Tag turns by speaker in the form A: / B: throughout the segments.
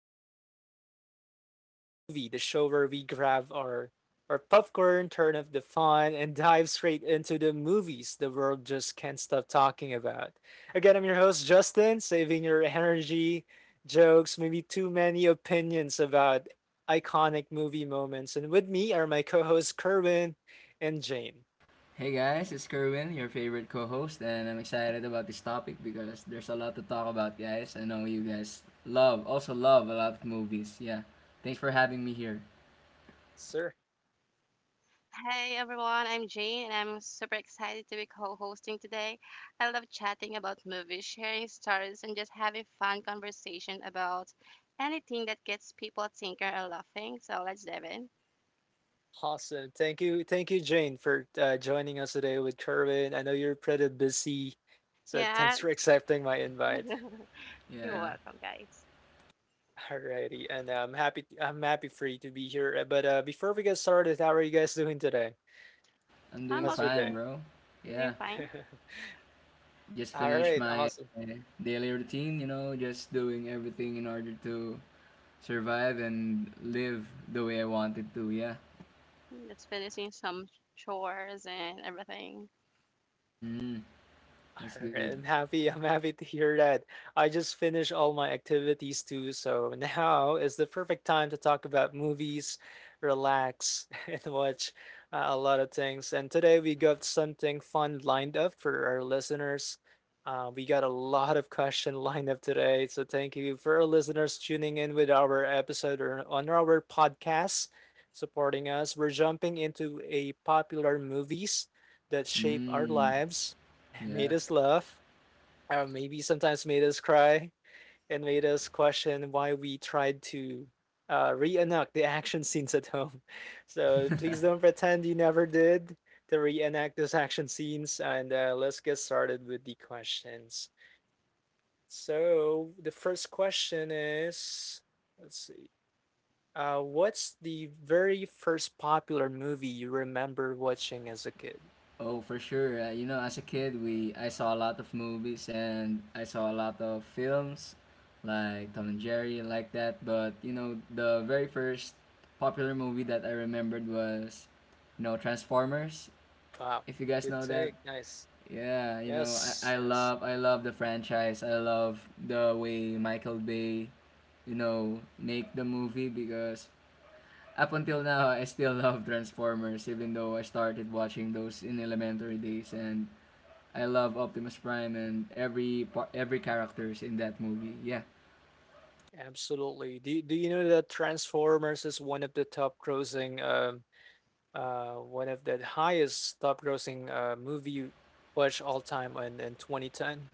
A: episode of Popular Movie, the show where we grab our popcorn, turn up the fun, and dive straight into the movies the world just can't stop talking about. Again, I'm your host, Justin, saving your energy, jokes, maybe too many opinions about iconic movie moments. And with me are my co hosts, Kerwin and Jane.
B: Hey guys, it's Kerwin, your favorite co-host, and I'm excited about this topic because there's a lot to talk about, guys. I know you guys also love a lot of movies. Yeah, thanks for having me here.
A: Sir.
C: Hey everyone, I'm Jane and I'm super excited to be co hosting today. I love chatting about movies, sharing stories, and just having fun conversation about anything that gets people thinking or laughing. So let's dive in.
A: Awesome. Thank you. Thank you, Jane, for joining us today with Kerwin. I know you're pretty busy, so
C: Yeah,
A: thanks for accepting my invite.
C: you're
B: Yeah,
C: welcome, guys.
A: Alrighty, and I'm happy for you to be here. But Before we get started, how are you guys doing today?
B: I'm
C: I'm
B: doing
A: How's your
B: fine,
A: day?
C: okay.
B: bro.
C: I'm doing
B: Yeah,
C: fine.
B: just
A: All
B: finished
A: right,
B: my
A: awesome.
B: daily routine. Just doing everything in order to survive and live the way I wanted to. Yeah.
C: I'm just finishing some chores and everything.
B: Mm, that's good.
A: Alright, I'm happy to hear that. I just finished all my activities too, so now is the perfect time to talk about movies, relax, and watch a lot of things. And today we got something fun lined up for our listeners. We got a lot of question lined up today, so thank you for our listeners tuning in with our episode or on our podcast, supporting us. We're jumping into a popular movies that shape our
B: Mm,
A: lives made
B: yeah.
A: us laugh, or maybe sometimes made us cry, and made us question why we tried to reenact the action scenes at home. So please don't pretend you never did to reenact those action scenes. And let's get started with the questions. So the first question is let's see. What's the very first popular movie you remember watching as a kid?
B: Oh, for sure. As a kid, we I saw a lot of movies and I saw a lot of films, like Tom and Jerry, and like that. But the very first popular movie that I remembered was Transformers.
A: Wow,
B: If you guys
A: good
B: know that,
A: take. Nice.
B: yeah,
A: Yes, yes.
B: I love the franchise. I love the way Michael Bay, make the movie, because up until now I still love Transformers, even though I started watching those in elementary days, and I love Optimus Prime and every characters in that movie. Yeah.
A: Absolutely. Do you know that Transformers is one of the top grossing one of the highest top grossing movie watch all time in 2010?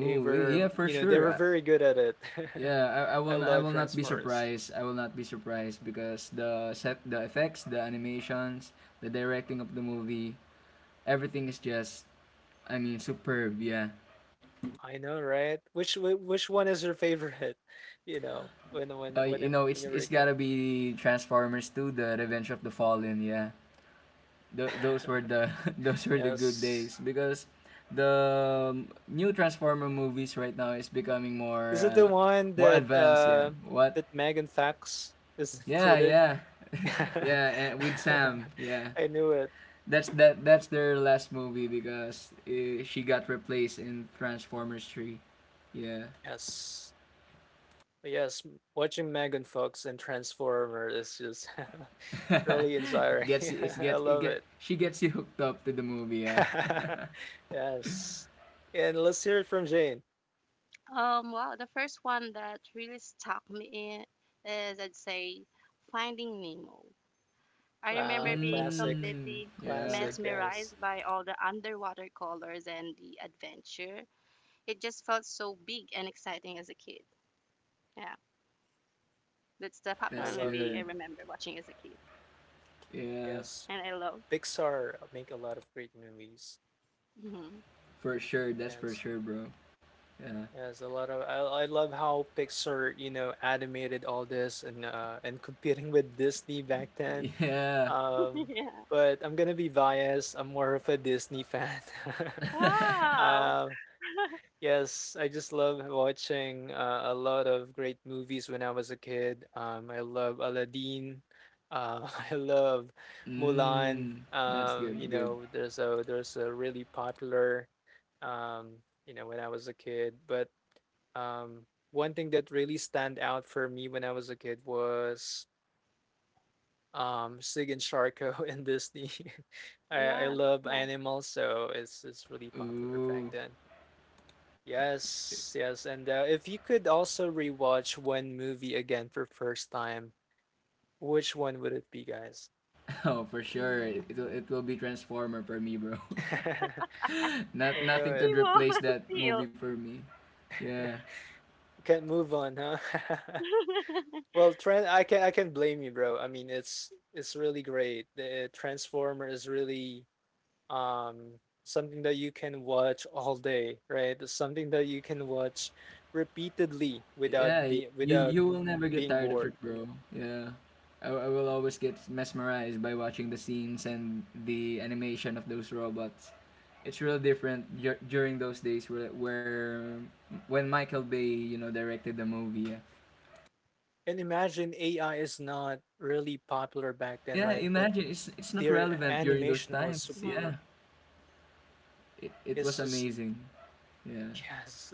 A: They
B: yeah,
A: were,
B: for
A: you know, they
B: sure.
A: were very good at it.
B: Yeah,
A: I
B: I
A: love
B: will not be
A: Transformers.
B: surprised. I will not be surprised because the set, the effects, the animations, the directing of the movie, everything is just, I mean, superb. Yeah.
A: I know, right? Which one is your favorite? You know, when when when it- when
B: It's
A: you were
B: it's gotta
A: good.
B: be Transformers 2, The Revenge of the Fallen. Yeah. Th- those were the those were the good
A: Yes.
B: days, because the new Transformer movies right now is becoming
A: Is it the one
B: more
A: that
B: advanced. Yeah. What?
A: that Megan Fox is
B: Yeah,
A: included?
B: yeah, yeah. And with Sam. Yeah.
A: I knew it.
B: That's that. That's their last movie because she got replaced in Transformers 3. Yeah.
A: Yes. Yes, m- watching Megan Fox and Transformer is just really inspiring.
B: gets it's
A: I
B: gets it
A: love
B: get
A: it.
B: she gets you hooked up to the movie, yeah.
A: Yes. And let's hear it from Jane.
C: The first one that really stuck me in is I'd say Finding Nemo. I remember
A: Wow,
C: being
A: classic.
B: Mm,
C: completely
B: yeah.
A: Classic,
C: mesmerized
A: yes.
C: by all the underwater colors and the adventure. It just felt so big and exciting as a kid. Yeah, that's the
A: I
C: popular
B: That's
A: love
C: movie I
B: good.
A: it.
C: remember watching as a kid,
B: Yeah.
A: Yes.
C: and I love.
A: Pixar make a lot of great movies.
C: Mhm.
B: For sure, that's for
A: Yes.
B: sure, bro. Yeah.
A: Yes, a lot of I love how Pixar, you know, animated all this and competing with Disney back then.
B: Yeah.
A: Um,
C: yeah.
A: but I'm gonna be biased. I'm more of a Disney fan.
C: Wow.
A: Um, yes, I just love watching a lot of great movies when I was a kid. I love Aladdin. I love Mulan.
B: hmm, that's good.
A: You
B: Good.
A: know, there's a really popular um, you know, when I was a kid. But one thing that really stand out for me when I was a kid was Sig and Sharko and Disney. I
C: Yeah, that's
A: love
C: nice.
A: animals, so it's really popular back
B: Ooh.
A: then. Yes, yes, and if you could also rewatch one movie again for first time, which one would it be, guys?
B: Oh, for sure.
C: Mm.
B: It will be Transformer for me, bro.
A: I know
B: Nothing
C: He
B: could
A: it.
B: replace
C: was
B: that
C: heel.
B: movie for me. Yeah.
A: You can't move on, huh? Well, Trent, I can blame you, bro. I mean, it's really great. The Transformer is really um something that you can watch all day right something that you can watch repeatedly
B: Yeah,
A: without be
B: you
A: without
B: you will never get
A: being
B: tired of it,
A: bored
B: bro. Yeah. I will always get mesmerized by watching the scenes and the animation of those robots. It's real different during those days where when Michael Bay, directed the movie.
A: and imagine ai is not really popular back then
B: Yeah,
A: right but
B: imagine it's not
A: their
B: relevant during those
A: animation was
B: times. Yeah,
A: super
C: Mhm.
B: it
A: it's
B: was
A: just
B: amazing. Yeah,
A: yes.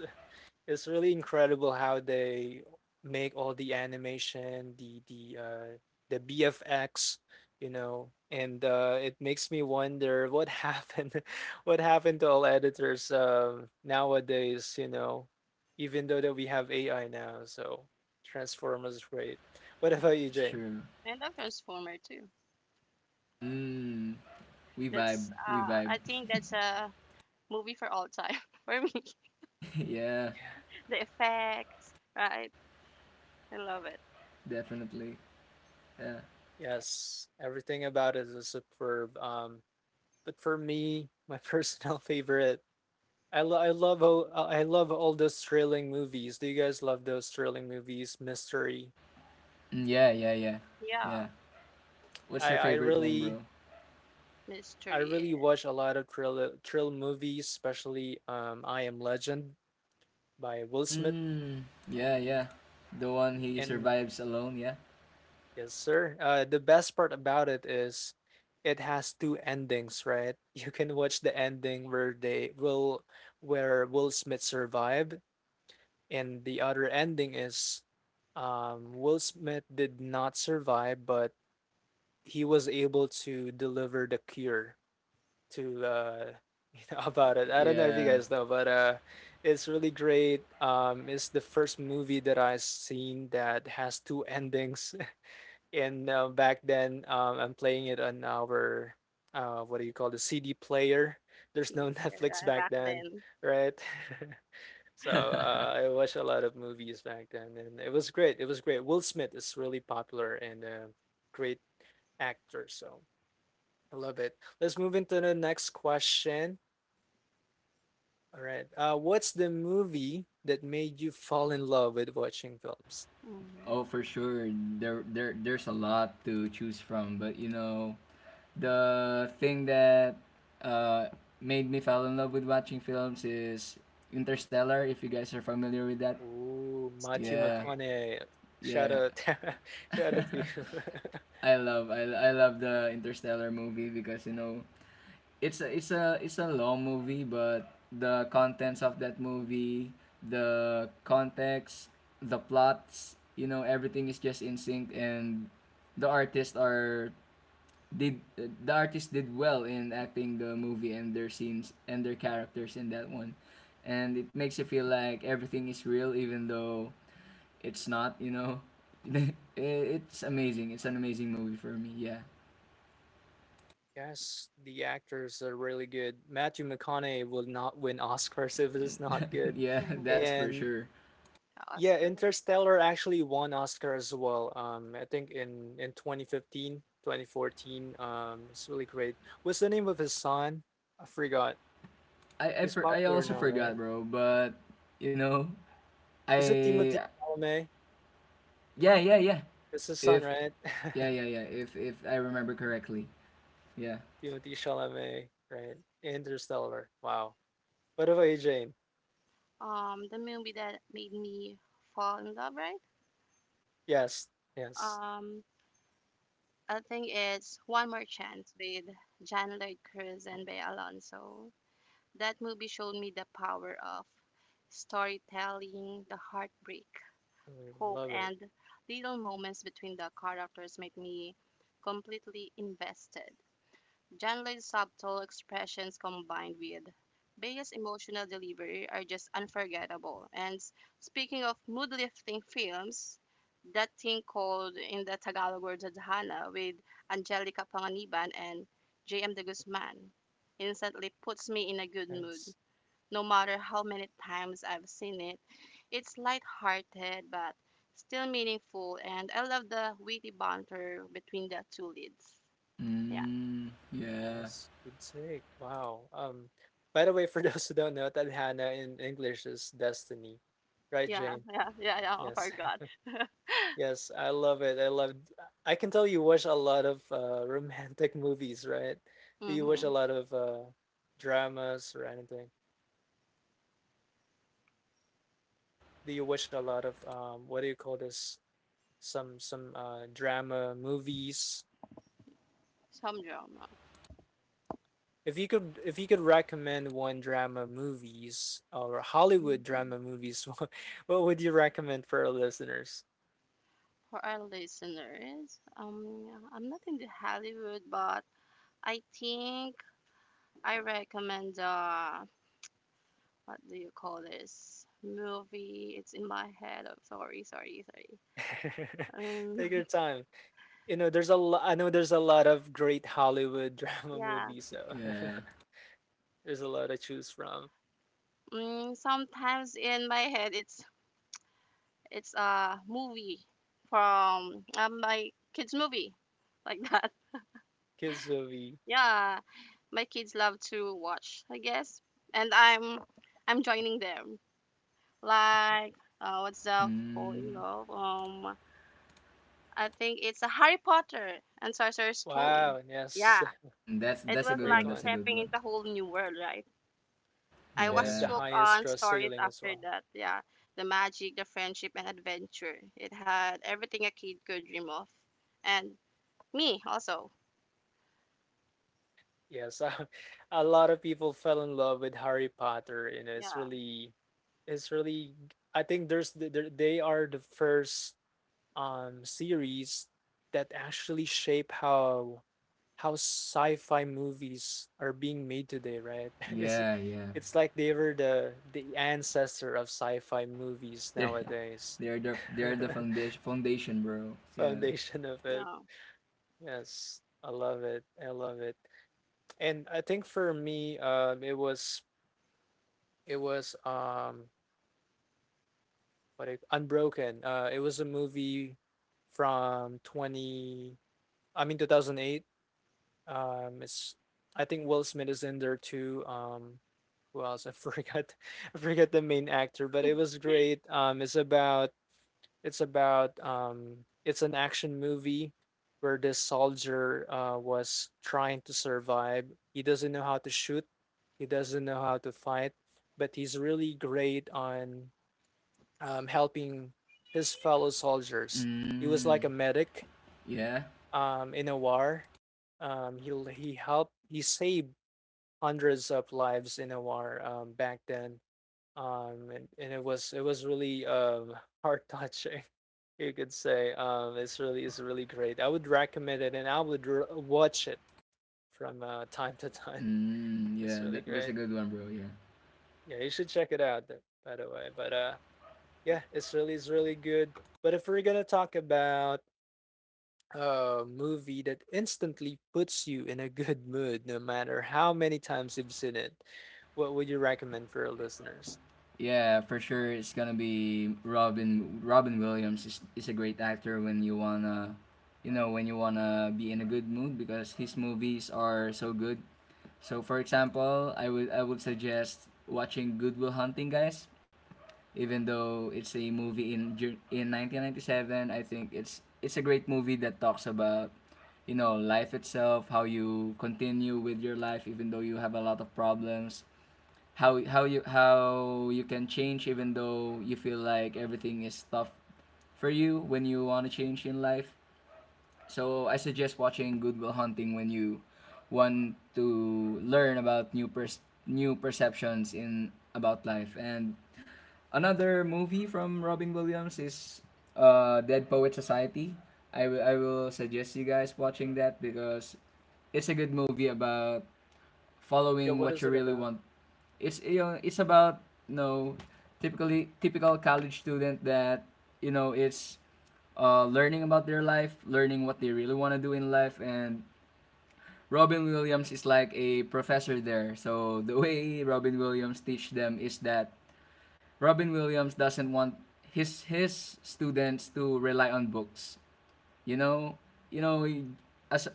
A: It's really incredible how they make all the animation, the BFX, you know, and it makes me wonder what happened what happened to all editors nowadays, you know, even though that we have AI now, so Transformers is great. What about you,
B: it's
A: Jane?
B: true.
C: I love Transformer too.
B: Mm, we vibe,
C: That's
B: we vibe.
C: I think that's a movie for all time for me.
B: yeah,
C: The effects, right? I love it.
B: definitely. Yeah.
A: Yes, everything about it is superb. But for me, my personal favorite I, lo- I love ho- I love all those thrilling movies. Do you guys love those thrilling movies? Mystery.
B: Mm, yeah, yeah, yeah, yeah.
C: Yeah.
B: What's
A: I
B: your
A: I
B: favorite one,
A: really
B: bro?
A: I
C: mystery
A: really watch a lot of thrill movies, especially I Am Legend by Will Smith.
B: Mm, yeah, yeah. The one he
A: And
B: survives alone. Yeah,
A: yes, sir. The best part about it is it has two endings, right? You can watch the ending where they will where Will Smith survived, and the other ending is Will Smith did not survive, but he was able to deliver the cure to you know about it. I don't know if you
B: yeah.
A: guys know, but it's really great. It's the first movie that I've seen that has two endings. And back then I'm playing it on our what do you call the CD player. There's no
C: CD player
A: Netflix back
C: back
A: then,
C: then.
A: right? So I watched a lot of movies back then, and it was great. It was great. Will Smith is really popular and a great actor. So I love it. Let's move into the next question. All right. What's the movie that made you fall in love with watching films?
C: Mm-hmm.
B: Oh, for sure. There's a lot to choose from, but the thing that uh, made me fall in love with watching films is Interstellar. If you guys are familiar with that,
A: Ooh, Matthew
B: yeah,
C: Stellarium.
A: McConaughey. Shout
B: yeah,
A: out, shout out to you.
B: I love the Interstellar movie, because it's a long movie. But the contents of that movie, the context, the plots, everything is just in sync. And the artists are did the artist did well in acting the movie and their scenes and their characters in that one, and it makes you feel like everything is real, even though it's not. It's an amazing movie for me, yeah.
A: yes, the actors are really good. Matthew McConaughey will not win Oscars if it is not good,
B: Yeah,
C: Mm-hmm.
B: that's for
A: and
B: sure.
A: yeah,
C: Oscar.
A: Interstellar actually won Oscar as well. I think in 2015, 2014. It's really great. What's the name of his son? I forgot.
B: i I,
A: He's
B: for, I
A: popular
B: also
A: now,
C: I
A: right?
B: forgot,
C: don't
B: bro. But you know
A: Is it Timothy
B: I
A: Chalamet?
B: yeah, yeah, yeah,
A: It's his son,
B: if
A: right?
B: yeah, yeah, yeah, if I remember correctly. Yeah.
A: Timothy Chalamet, right? Interstellar. Wow. What about you, Jane?
C: know. The movie that made me fall in love, right?
A: Yes, yes.
C: Um, I think it's One More Chance with John Lloyd Cruz and Bea Alonso. That movie showed me the power of storytelling, the heartbreak,
A: Mm,
C: hope,
A: Love it.
C: and little moments between the characters made me completely invested. Janley's subtle expressions combined with Bea's emotional delivery are just unforgettable. Speaking of mood lifting films, that thing called in the Tagalog word Tadhana with Angelica Panganiban and JM De Guzman instantly puts me in a good mood.
A: Yes.
C: No matter how many times I've seen it, it's light-hearted but still meaningful and I love the witty banter between the two leads. Yeah.
B: Mm, yeah,
A: Yes, good sake. Wow. By the way, for those who don't know, Tadhana in English is destiny, right,
C: Yeah,
A: Jane?
C: yeah, yeah, yeah. I
A: Yes,
C: forgot.
A: yes, I love it. I love. I can tell you watch a lot of romantic movies, right? Do you watch a
C: Mm-hmm.
A: lot of dramas or anything? Do you watch a lot of what do you call this? Some drama movies.
C: Some drama.
A: If you could recommend one drama movies or Hollywood
C: Mm-hmm.
A: drama movies, what would you recommend for our listeners?
C: For our listeners, yeah, I'm not in the Hollywood, but I think I recommend what do you call this movie? It's in my head. Oh, sorry, sorry, sorry. Um,
A: Take your time. You know, there's a lot, I know there's a lot of great Hollywood drama
C: yeah.
A: movies, so
B: yeah.
A: there's a lot to choose from.
C: Mm, sometimes in my head, it's a movie from my kids' movie, like that.
A: Kids movie.
C: Yeah, my kids love to watch, I guess, and I'm joining them like, what's the fall in
B: Mm.
C: love? I think it's a Harry Potter and Sorcerer's Stone.
A: Wow, yes,
C: Yeah,
B: Mm, that's
C: it
B: that's a
C: was
B: good
A: great
B: one.
C: like
B: That's
A: one.
B: a good
C: stepping
B: one.
C: into a whole new world, right? I
A: One of
C: was
A: the
B: Yeah,
C: hooked
A: highest
C: on
A: cross
C: stories
A: sailing as
C: after
A: well.
C: that, yeah. The magic, the friendship, and adventure, it had everything a kid could dream of. And me also.
A: Yes, a lot of people fell in love with Harry Potter, and it's
C: Yeah,
A: really, it's really. I think they are the first series that actually shape how sci-fi movies are being made today, right? And
B: yeah, yeah.
A: it's like they were the ancestor of sci-fi movies
B: They're
A: nowadays.
B: they're the they're the foundation, bro. Yeah.
A: Foundation of it.
C: yeah.
A: Yes, I love it. I love it. And I think for me, it was It was what it, Unbroken. It was a movie from 20 I mean 2008. It's I think Will Smith is in there too. Who else? I forgot I forgot the main actor, but it was great. It's an action movie where this soldier was trying to survive. He doesn't know how to shoot. He doesn't know how to fight, but he's really great on helping his fellow soldiers. He was
B: Mm,
A: like a medic
B: yeah.
A: in a war. He helped he saved hundreds of lives in a war back then. And it was really heart touching, you could say. It's really great. I would recommend it, and I would r watch it from time to time.
B: Mm,
A: It's
B: yeah.
A: really
B: That's a
A: great.
B: good one, bro. Yeah.
A: Yeah, you should check it out. Th- By the way, but yeah, it's really good. But if we're gonna talk about a movie that instantly puts you in a good mood no matter how many times you've seen it. What would you recommend for our listeners?
B: Yeah, for sure. It's gonna be Robin. Robin Williams is a great actor when you wanna, be in a good mood, because his movies are so good. So, for example, I would suggest watching Good Will Hunting, guys, even though it's a movie in 1997. I think it's a great movie that talks about, life itself, how you continue with your life even though you have a lot of problems, how you can change even though you feel like everything is tough for you when you want to change in life. So I suggest watching Good Will Hunting when you want to learn about new perceptions in about life. And another movie from Robin Williams is Dead Poet Society. I will suggest you guys watching that because it's a good movie about
A: Yeah,
B: following
A: what
B: what
A: is
B: you
A: it
B: really
A: about?
B: want. It's about, typical college student that is learning about their life, learning what they really want to do in life. And Robin Williams is like a professor there. So the way Robin Williams teach them is that Robin Williams doesn't want his students to rely on books. You know, you know, as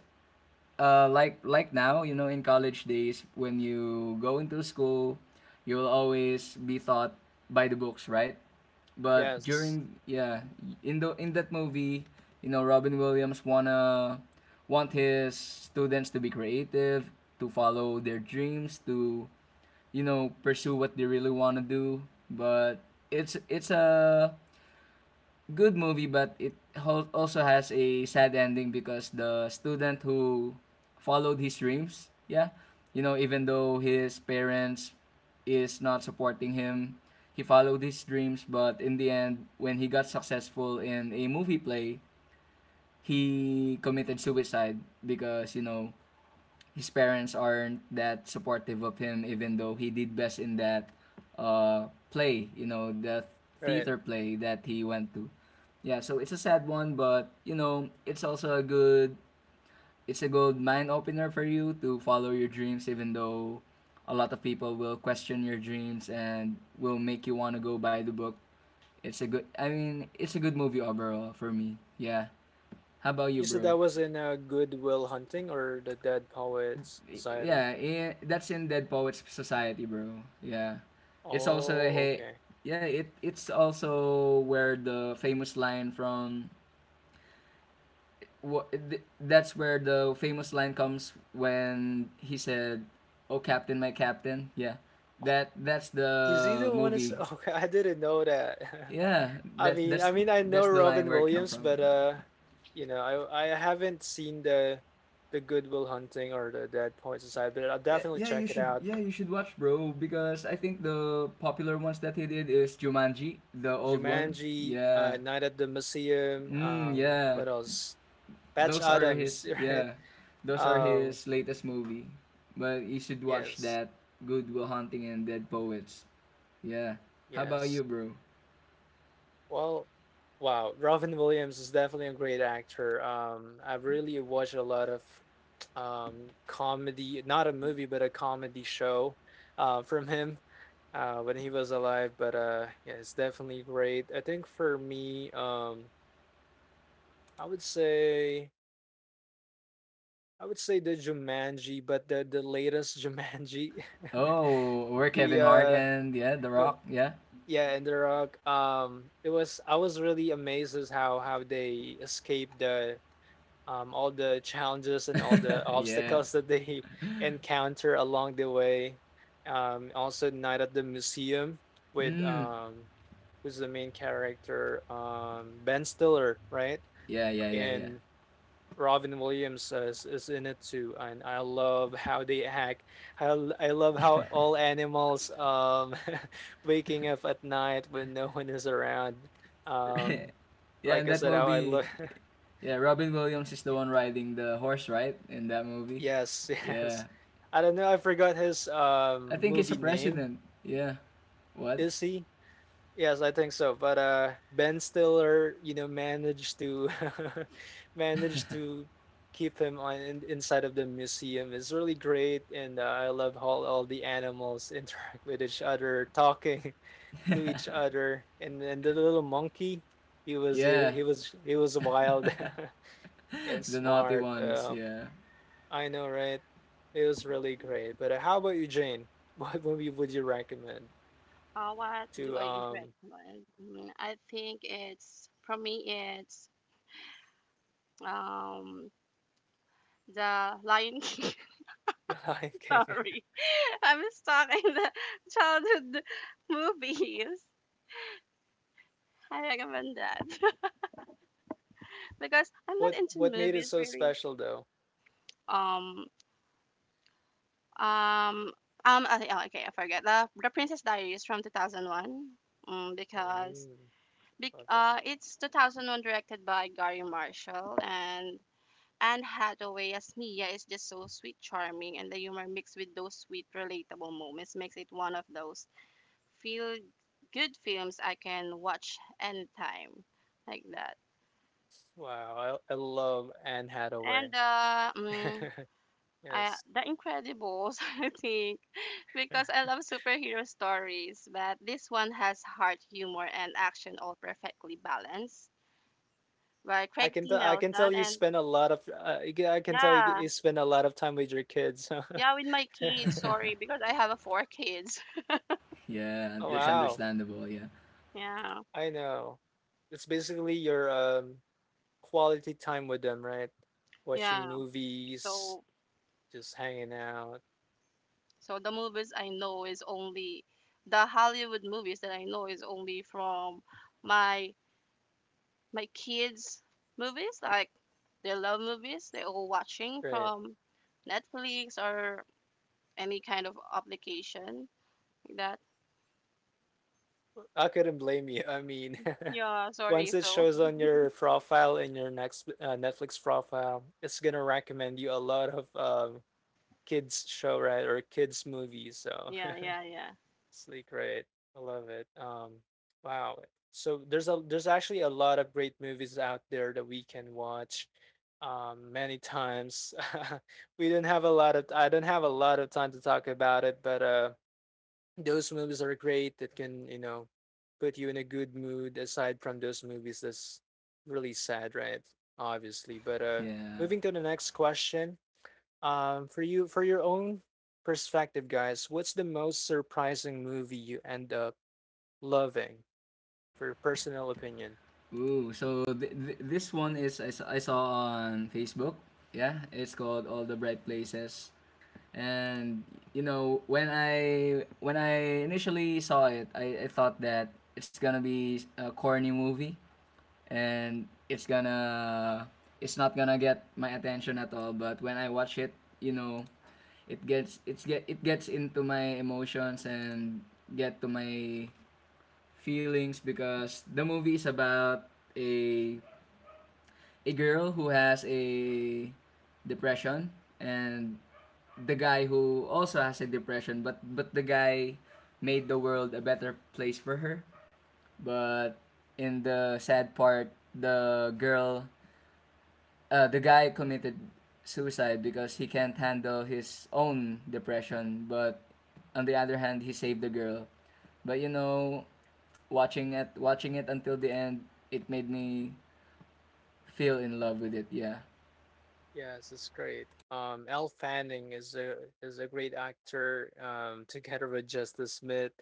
B: like now, in college days, when you go into school, you will always be taught by the books, right? But
A: Yes.
B: during, yeah, in that movie, Robin Williams wanna want his students to be creative, to follow their dreams, to, pursue what they really wanna do. But it's a good movie, but it also has a sad ending, because the student who followed his dreams, yeah, even
A: Mm.
B: though his parents is not supporting him, he followed his dreams. But in the end, when he got successful in a movie play, he committed suicide, because his parents aren't that supportive of him, even though he did best in that play, the
A: All Right.
B: theater play that he went to. Yeah, so it's a sad one, but it's a good mind opener for you to follow your dreams, even though a lot of people will question your dreams and will make you want to go buy the book. I mean, it's a good movie overall for me. Yeah. How about you,
A: You said
B: bro?
A: that was in Good Will Hunting or the Dead Poets Society.
B: Yeah, that's in Dead Poets Society, bro. Yeah, it's also
A: Oh,
B: hey,
A: okay.
B: yeah, it it's also where the famous line from, that's where the famous line comes when he said, "Oh Captain, my Captain." Yeah,
A: Oh,
B: that's
A: is he
B: the
A: the one? Is
B: movie.
A: okay? I didn't know that.
B: Yeah,
A: I mean, I mean, I
B: that's
A: know
B: the line
A: Robin
B: where it come
A: Williams,
B: from.
A: but you know, I haven't seen the Good Will Hunting or the Dead Poets Society, but I'll
B: Yeah,
A: definitely
B: yeah,
A: check it out.
B: you should watch, bro, because I think the popular ones that he did is Jumanji, the old one.
A: Jumanji,
B: Yeah.
A: Night at the Museum.
B: Mm, yeah.
A: What else? Patch
B: Those are
A: Adams,
B: his
A: right?
B: yeah. Those are
A: Um,
B: his latest movie. But you should watch
A: yes,
B: that Good Will Hunting and Dead Poets. Yeah. How about you,
A: yes.
B: bro?
A: Well, wow, Robin Williams is definitely a great actor. I've really watched a lot of comedy, not a movie, but a comedy show, from him. When he was alive. But yeah, it's definitely great. I think for me, I would say I would say the Jumanji, but the latest Jumanji,
B: Oh, we're
A: the
B: Kevin Hart and, yeah, The
A: but-
B: Rock. Yeah.
A: yeah, and The Rock. It was I was really amazed as how they escaped the all the challenges and all the
B: yeah.
A: obstacles that they encounter along the way. Also Night at the Museum with
B: Mm.
A: who's the main character, Ben Stiller, right?
B: Yeah, yeah, yeah, yeah.
A: And Robin Williams is in it too, and I love how they act. How I love how all animals waking up at night when no one is around. Um,
B: yeah, in
A: like I
B: that
A: said, how I
B: movie,
A: look.
B: yeah, Robin Williams is the one riding the horse, right? In that movie.
A: Yes, yes.
B: Yeah.
A: I don't know. I forgot his
B: I think he's a
A: movie name.
B: president. Yeah. What?
A: Is he? Yes, I think so. But Ben Stiller, managed to managed to keep him on inside of the museum. It's really great, and I love how all the animals interact with each other, talking to each other, and the little monkey, he was
B: Yeah,
A: he was wild and
B: the naughty
A: smart.
B: ones, yeah.
A: I know, right? It was really great. But how about you, Jane? What movie would you recommend
C: What do
A: to
C: I recommend? I think it's for me, it's um the Lion King.
A: The Lion King?
C: Sorry, I'm stuck in the childhood movies. I recommend that because I'm not
A: What
C: into
A: what made it
C: movies
A: so
C: really.
A: special though?
C: Um um okay, oh, okay, I forget the Princess Diaries from 2001. Mm, because
A: Ooh,
C: bec-
A: love it.
C: uh it's 2001, directed by Gary Marshall, and Anne Hathaway as Mia is just so sweet, charming, and the humor mixed with those sweet, relatable moments makes it one of those feel good films I can watch anytime, like that.
A: Wow, I love Anne
C: And
A: Hathaway.
C: uh, mm, I,
A: Yes.
C: The Incredibles, I think, because I love superhero stories, but this one has heart, humor, and action all perfectly balanced by Craig T.
A: I can tell
C: Nelson.
A: you
C: And
A: spend a lot of I can tell you,
C: yeah,
A: you spend a lot of time with your kids.
C: yeah, with my kids, sorry, because I have a four kids.
B: Yeah,
A: Oh,
B: that's
A: wow.
B: understandable. Yeah,
C: Yeah.
A: I know. It's basically your quality time with them, right? Watching
C: Yeah.
A: movies,
C: So
A: just hanging out.
C: so the movies I know is only the Hollywood movies that I know is only from my my kids movies, like they love movies, they're all watching
A: Right.
C: from Netflix or any kind of application, like that.
A: I couldn't blame you. I mean,
C: Yeah, sorry.
A: once it
C: So
A: shows on your profile in your next Netflix profile, it's gonna recommend you a lot of kids show, right, or kids movies. So
C: yeah, yeah, yeah.
A: it's like great. I love it. Wow. So there's a there's actually a lot of great movies out there that we can watch. Many times we didn't have a lot of I don't have a lot of time to talk about it, but those movies are great that can, you know, put you in a good mood aside from those movies that's really sad, right, obviously. But
B: yeah.
A: moving to the next question, for you, for your own perspective, guys, what's the most surprising movie you end up loving, for your personal opinion?
B: Ooh, so this one is, I saw on Facebook. Yeah, it's called All the Bright Places. And when I initially saw it, I thought that it's gonna be a corny movie, and it's not gonna get my attention at all. But when I watch it, you know, it gets it's get it gets into my emotions and get to my feelings, because the movie is about a a girl who has a depression, and the guy who also has a depression. But the guy made the world a better place for her. But in the sad part, the guy committed suicide, because he can't handle his own depression. But on the other hand, he saved the girl. But watching it until the end, it made me feel in love with it. Yeah,
A: Yes, it's great. Elle Fanning is a great actor. Together with Justice Smith,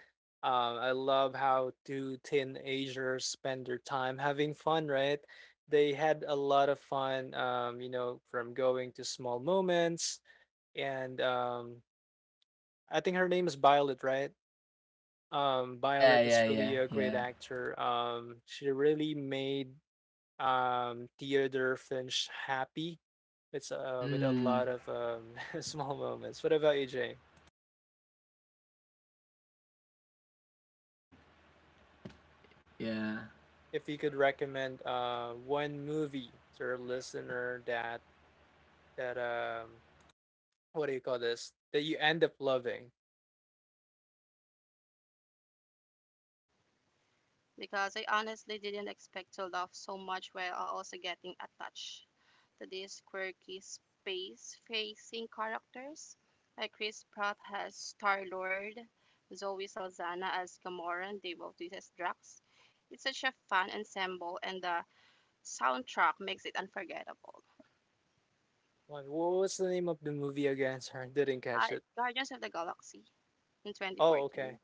A: I love how two teenagers spend their time having fun. Right, they had a lot of fun. You know, from going to small moments, and I think her name is Violet. Right,
B: yeah,
A: Violet is
B: yeah,
A: really
B: yeah,
A: a great
B: yeah.
A: actor. She really made Theodore Finch happy. It's with a
B: Mm,
A: lot of small moments. What about you, Jay?
B: yeah.
A: If you could recommend one movie to our listener that what do you call this? That you end up loving.
C: Because I honestly didn't expect to love so much while also getting attached these quirky space-facing characters. Like Chris Pratt as Star-Lord, Zoe Salzana as Gamora, Dave Bautista as Drax. It's such a fun ensemble and the soundtrack makes it unforgettable.
A: Like what was the name of the movie again? Sorry, didn't catch
C: It's
A: it.
C: Guardians of the Galaxy in
A: Oh, okay.
C: 2014.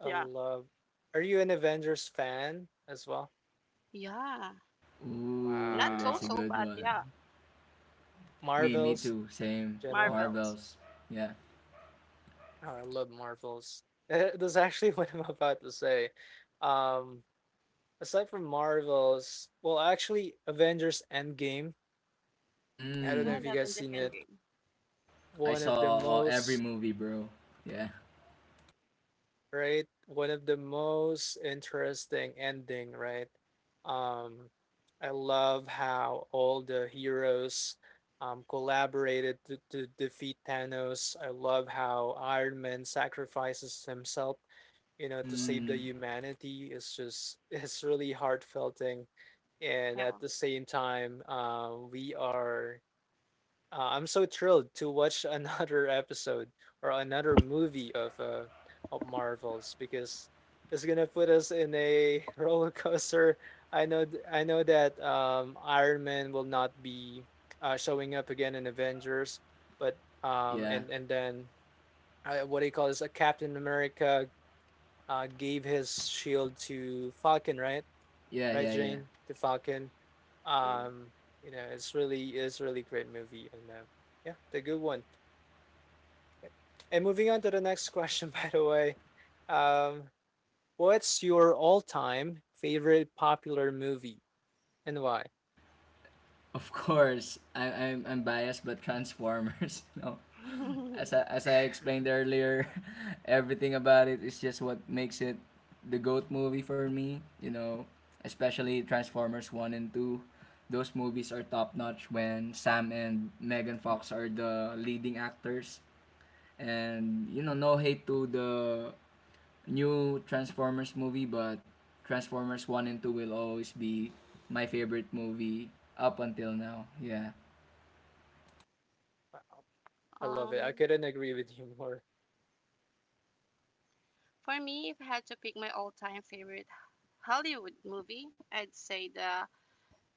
A: I
C: Yeah.
A: love. Are you an Avengers fan as well?
C: Yeah. Not
B: Ooh, that's a
A: Wow.
C: so-so,
B: good
C: but
B: one.
C: yeah.
B: Me
A: Marvel's
B: too. Same.
A: general.
C: Marvels.
B: Marvels. Yeah.
A: Oh, I love Marvels. That's actually what I'm about to say. Um, aside from Marvels, well, actually, Avengers Endgame. I don't know
C: I
B: Mm.
A: if you
C: love
A: guys
C: Avengers
A: seen it.
C: Endgame.
B: I
A: One of the
B: saw, every
A: most,
B: movie, bro. Yeah.
A: right? One of the most interesting ending, right? Um, I love how all the heroes collaborated to defeat Thanos. I love how Iron Man sacrifices himself, you know, to save the
B: Mm.
A: humanity is just it's really heartfelt thing, and
C: Yeah.
A: at the same time we are I'm so thrilled to watch another episode or another movie of Marvels because it's gonna put us in a roller coaster. I know that Iron Man will not be showing up again in Avengers, but
B: Yeah.
A: and then what do you call this, a Captain America gave his shield to Falcon, right?
B: Yeah.
A: Right,
B: Yeah. Yeah.
A: Jane, to Falcon. Um, you know, it's really great movie, and yeah, the good one. And moving on to the next question, by the way, um, what's your all-time favorite popular movie and why?
B: Of course, I'm biased, but Transformers, no.
C: Mm.
B: As I explained earlier, everything about it is just what makes it the goat movie for me. Especially Transformers 1 and 2. Those movies are top notch when Sam and Megan Fox are the leading actors. And no hate to the new Transformers movie, but Transformers 1 and 2 will always be my favorite movie up until now. Yeah.
A: Wow, I love
C: um,
A: it. I couldn't agree with you more.
C: for me, if I had to pick my all-time favorite Hollywood movie, I'd say The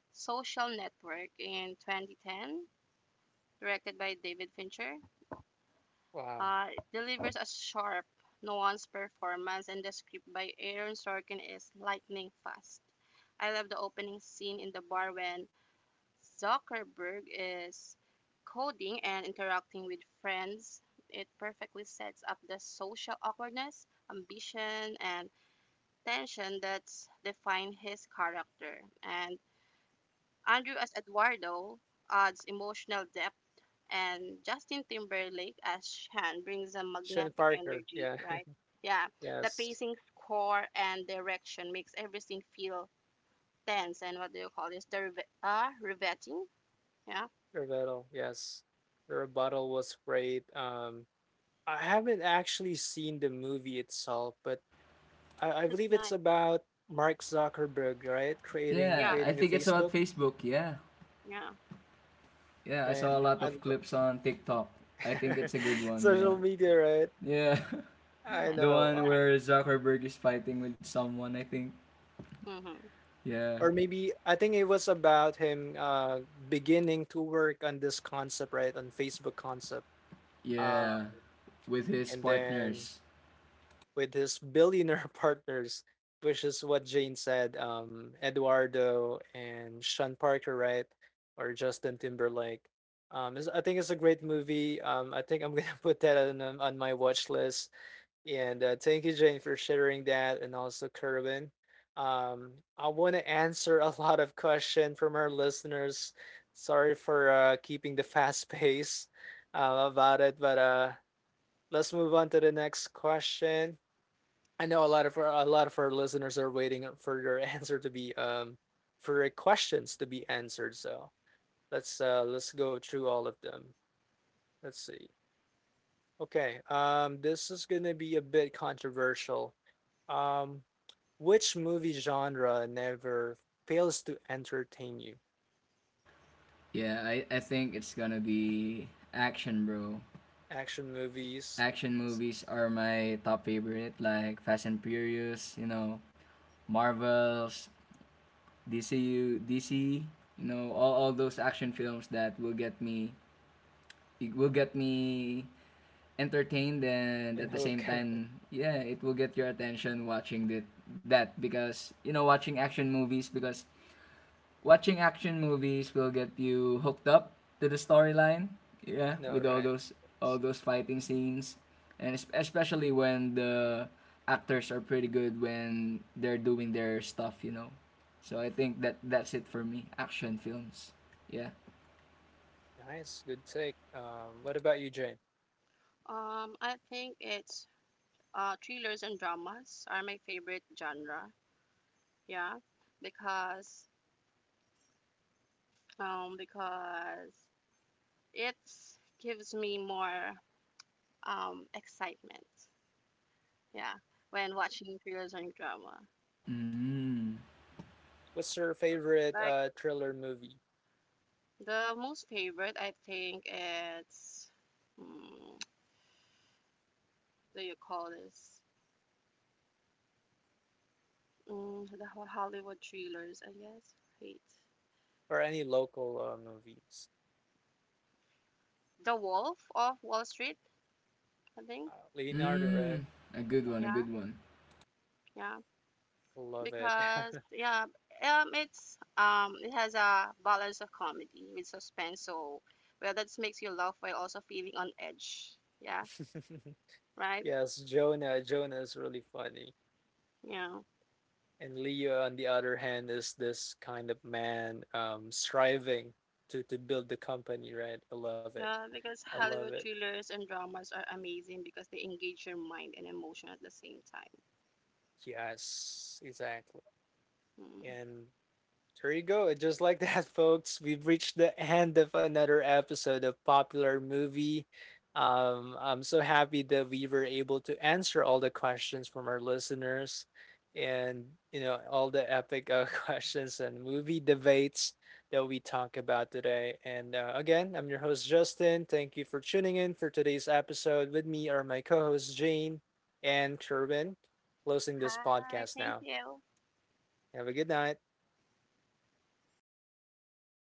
C: Social Network in 2010, directed by David Fincher.
A: Wow,
C: Uh, delivers a sharp, nuanced performance, and the script by Aaron Sorkin is lightning fast. I love the opening scene in the bar when Zuckerberg is coding and interacting with friends. It perfectly sets up the social awkwardness, ambition, and tension that's defined his character. And Andrew as Eduardo adds emotional depth, and Justin Timberlake as Shan brings a
A: Sean
C: magnetic
A: Parker.
C: energy,
A: Yeah,
C: right? Yeah, the
A: yes,
C: pacing, score, and direction makes everything feel tense and what do you call this? Riveting? Yeah,
A: rebuttal. Yes, the rebuttal was great. I haven't actually seen the movie itself, but I
C: it's
A: believe it's
C: nice.
A: about Mark Zuckerberg, right? Creating
C: Yeah,
B: Yeah, I
A: creating the
B: think it's
A: Facebook,
B: about Facebook. Yeah.
C: yeah,
B: Yeah, I
A: right?
B: saw a lot
A: I
B: of
A: love
B: clips on TikTok. I think it's a good one.
A: social
B: Yeah.
A: media, right?
B: Yeah.
A: I
C: and
B: The
C: it's
A: know.
B: one
C: nice.
B: where Zuckerberg is fighting with someone, I think.
C: Mm-hmm.
B: Yeah.
A: Or maybe I think it was about him beginning to work on this concept, right? On Facebook concept. Uh,
B: Yeah. With his
A: and then
B: partners.
A: with his billionaire partners, which is what Jane said, Eduardo and Sean Parker, right? Or Justin Timberlake. I think it's a great movie. I think I'm gonna put that on my watch list. And thank you, Jane, for sharing that, and also Kerwin. Um, I want to answer a lot of questions from our listeners. Sorry for keeping the fast pace about it, but let's move on to the next question. I know a lot of our listeners are waiting for your answer to be for your questions to be answered. So let's go through all of them. Let's see. Okay. This is gonna be a bit controversial. Um, which movie genre never fails to entertain you?
B: Yeah, I think it's gonna be action, bro.
A: Action movies.
B: Action
A: Let's see.
B: movies are my top favorite, like Fast and Furious, you know, Marvels, DCU, DC, all those action films that will get me, it will get me entertained. And
A: And
B: at the
A: who
B: same
A: can?
B: time, yeah, it will get your attention watching that, because watching action movies will get you hooked up to the storyline,
A: I
B: yeah,
A: know,
B: with
A: right?
B: all
A: That's
B: those fighting scenes. And especially when the actors are pretty good when they're doing their stuff you know So I think that's it for me. Action films. Yeah.
A: nice. Good take. What about you, Jane?
C: I think it's thrillers and dramas are my favorite genre. Yeah, because because it gives me more excitement. Yeah, when watching thrillers and drama.
B: Mm.
A: What's your favorite
C: Like
A: thriller movie?
C: the most favorite, I think it's mm, do you call this the Ho- Hollywood thrillers? I guess. Wait,
A: Or any local movies.
C: The Wolf of Wall Street. I think.
A: Leonardo
B: Mm.
A: Red, uh,
B: A
C: Yeah,
B: good one.
C: yeah.
A: love it.
C: Because yeah, it's it has a balance of comedy with suspense. So well, that makes you laugh while also feeling on edge. Yeah, right.
A: Yes, Jonah. Jonah is really funny,
C: Yeah.
A: and Leo, on the other hand, is this kind of man striving to build the company. Right, I love it.
C: Yeah, because
A: I love
C: Hollywood
A: it.
C: thrillers and dramas are amazing because they engage your mind and emotion at the same time.
A: Yes, exactly.
C: Mm.
A: And there you go. Just like that, folks, we've reached the end of another episode of Popular Movie. I'm so happy that we were able to answer all the questions from our listeners and, you know, all the epic questions and movie debates that we talk about today. And again, I'm your host, Justin. Thank you for tuning in for today's episode. With me are my co hosts, Jane and Kerwin, closing this
C: Hi,
A: podcast
C: thank
A: now.
C: you.
A: Have a good night.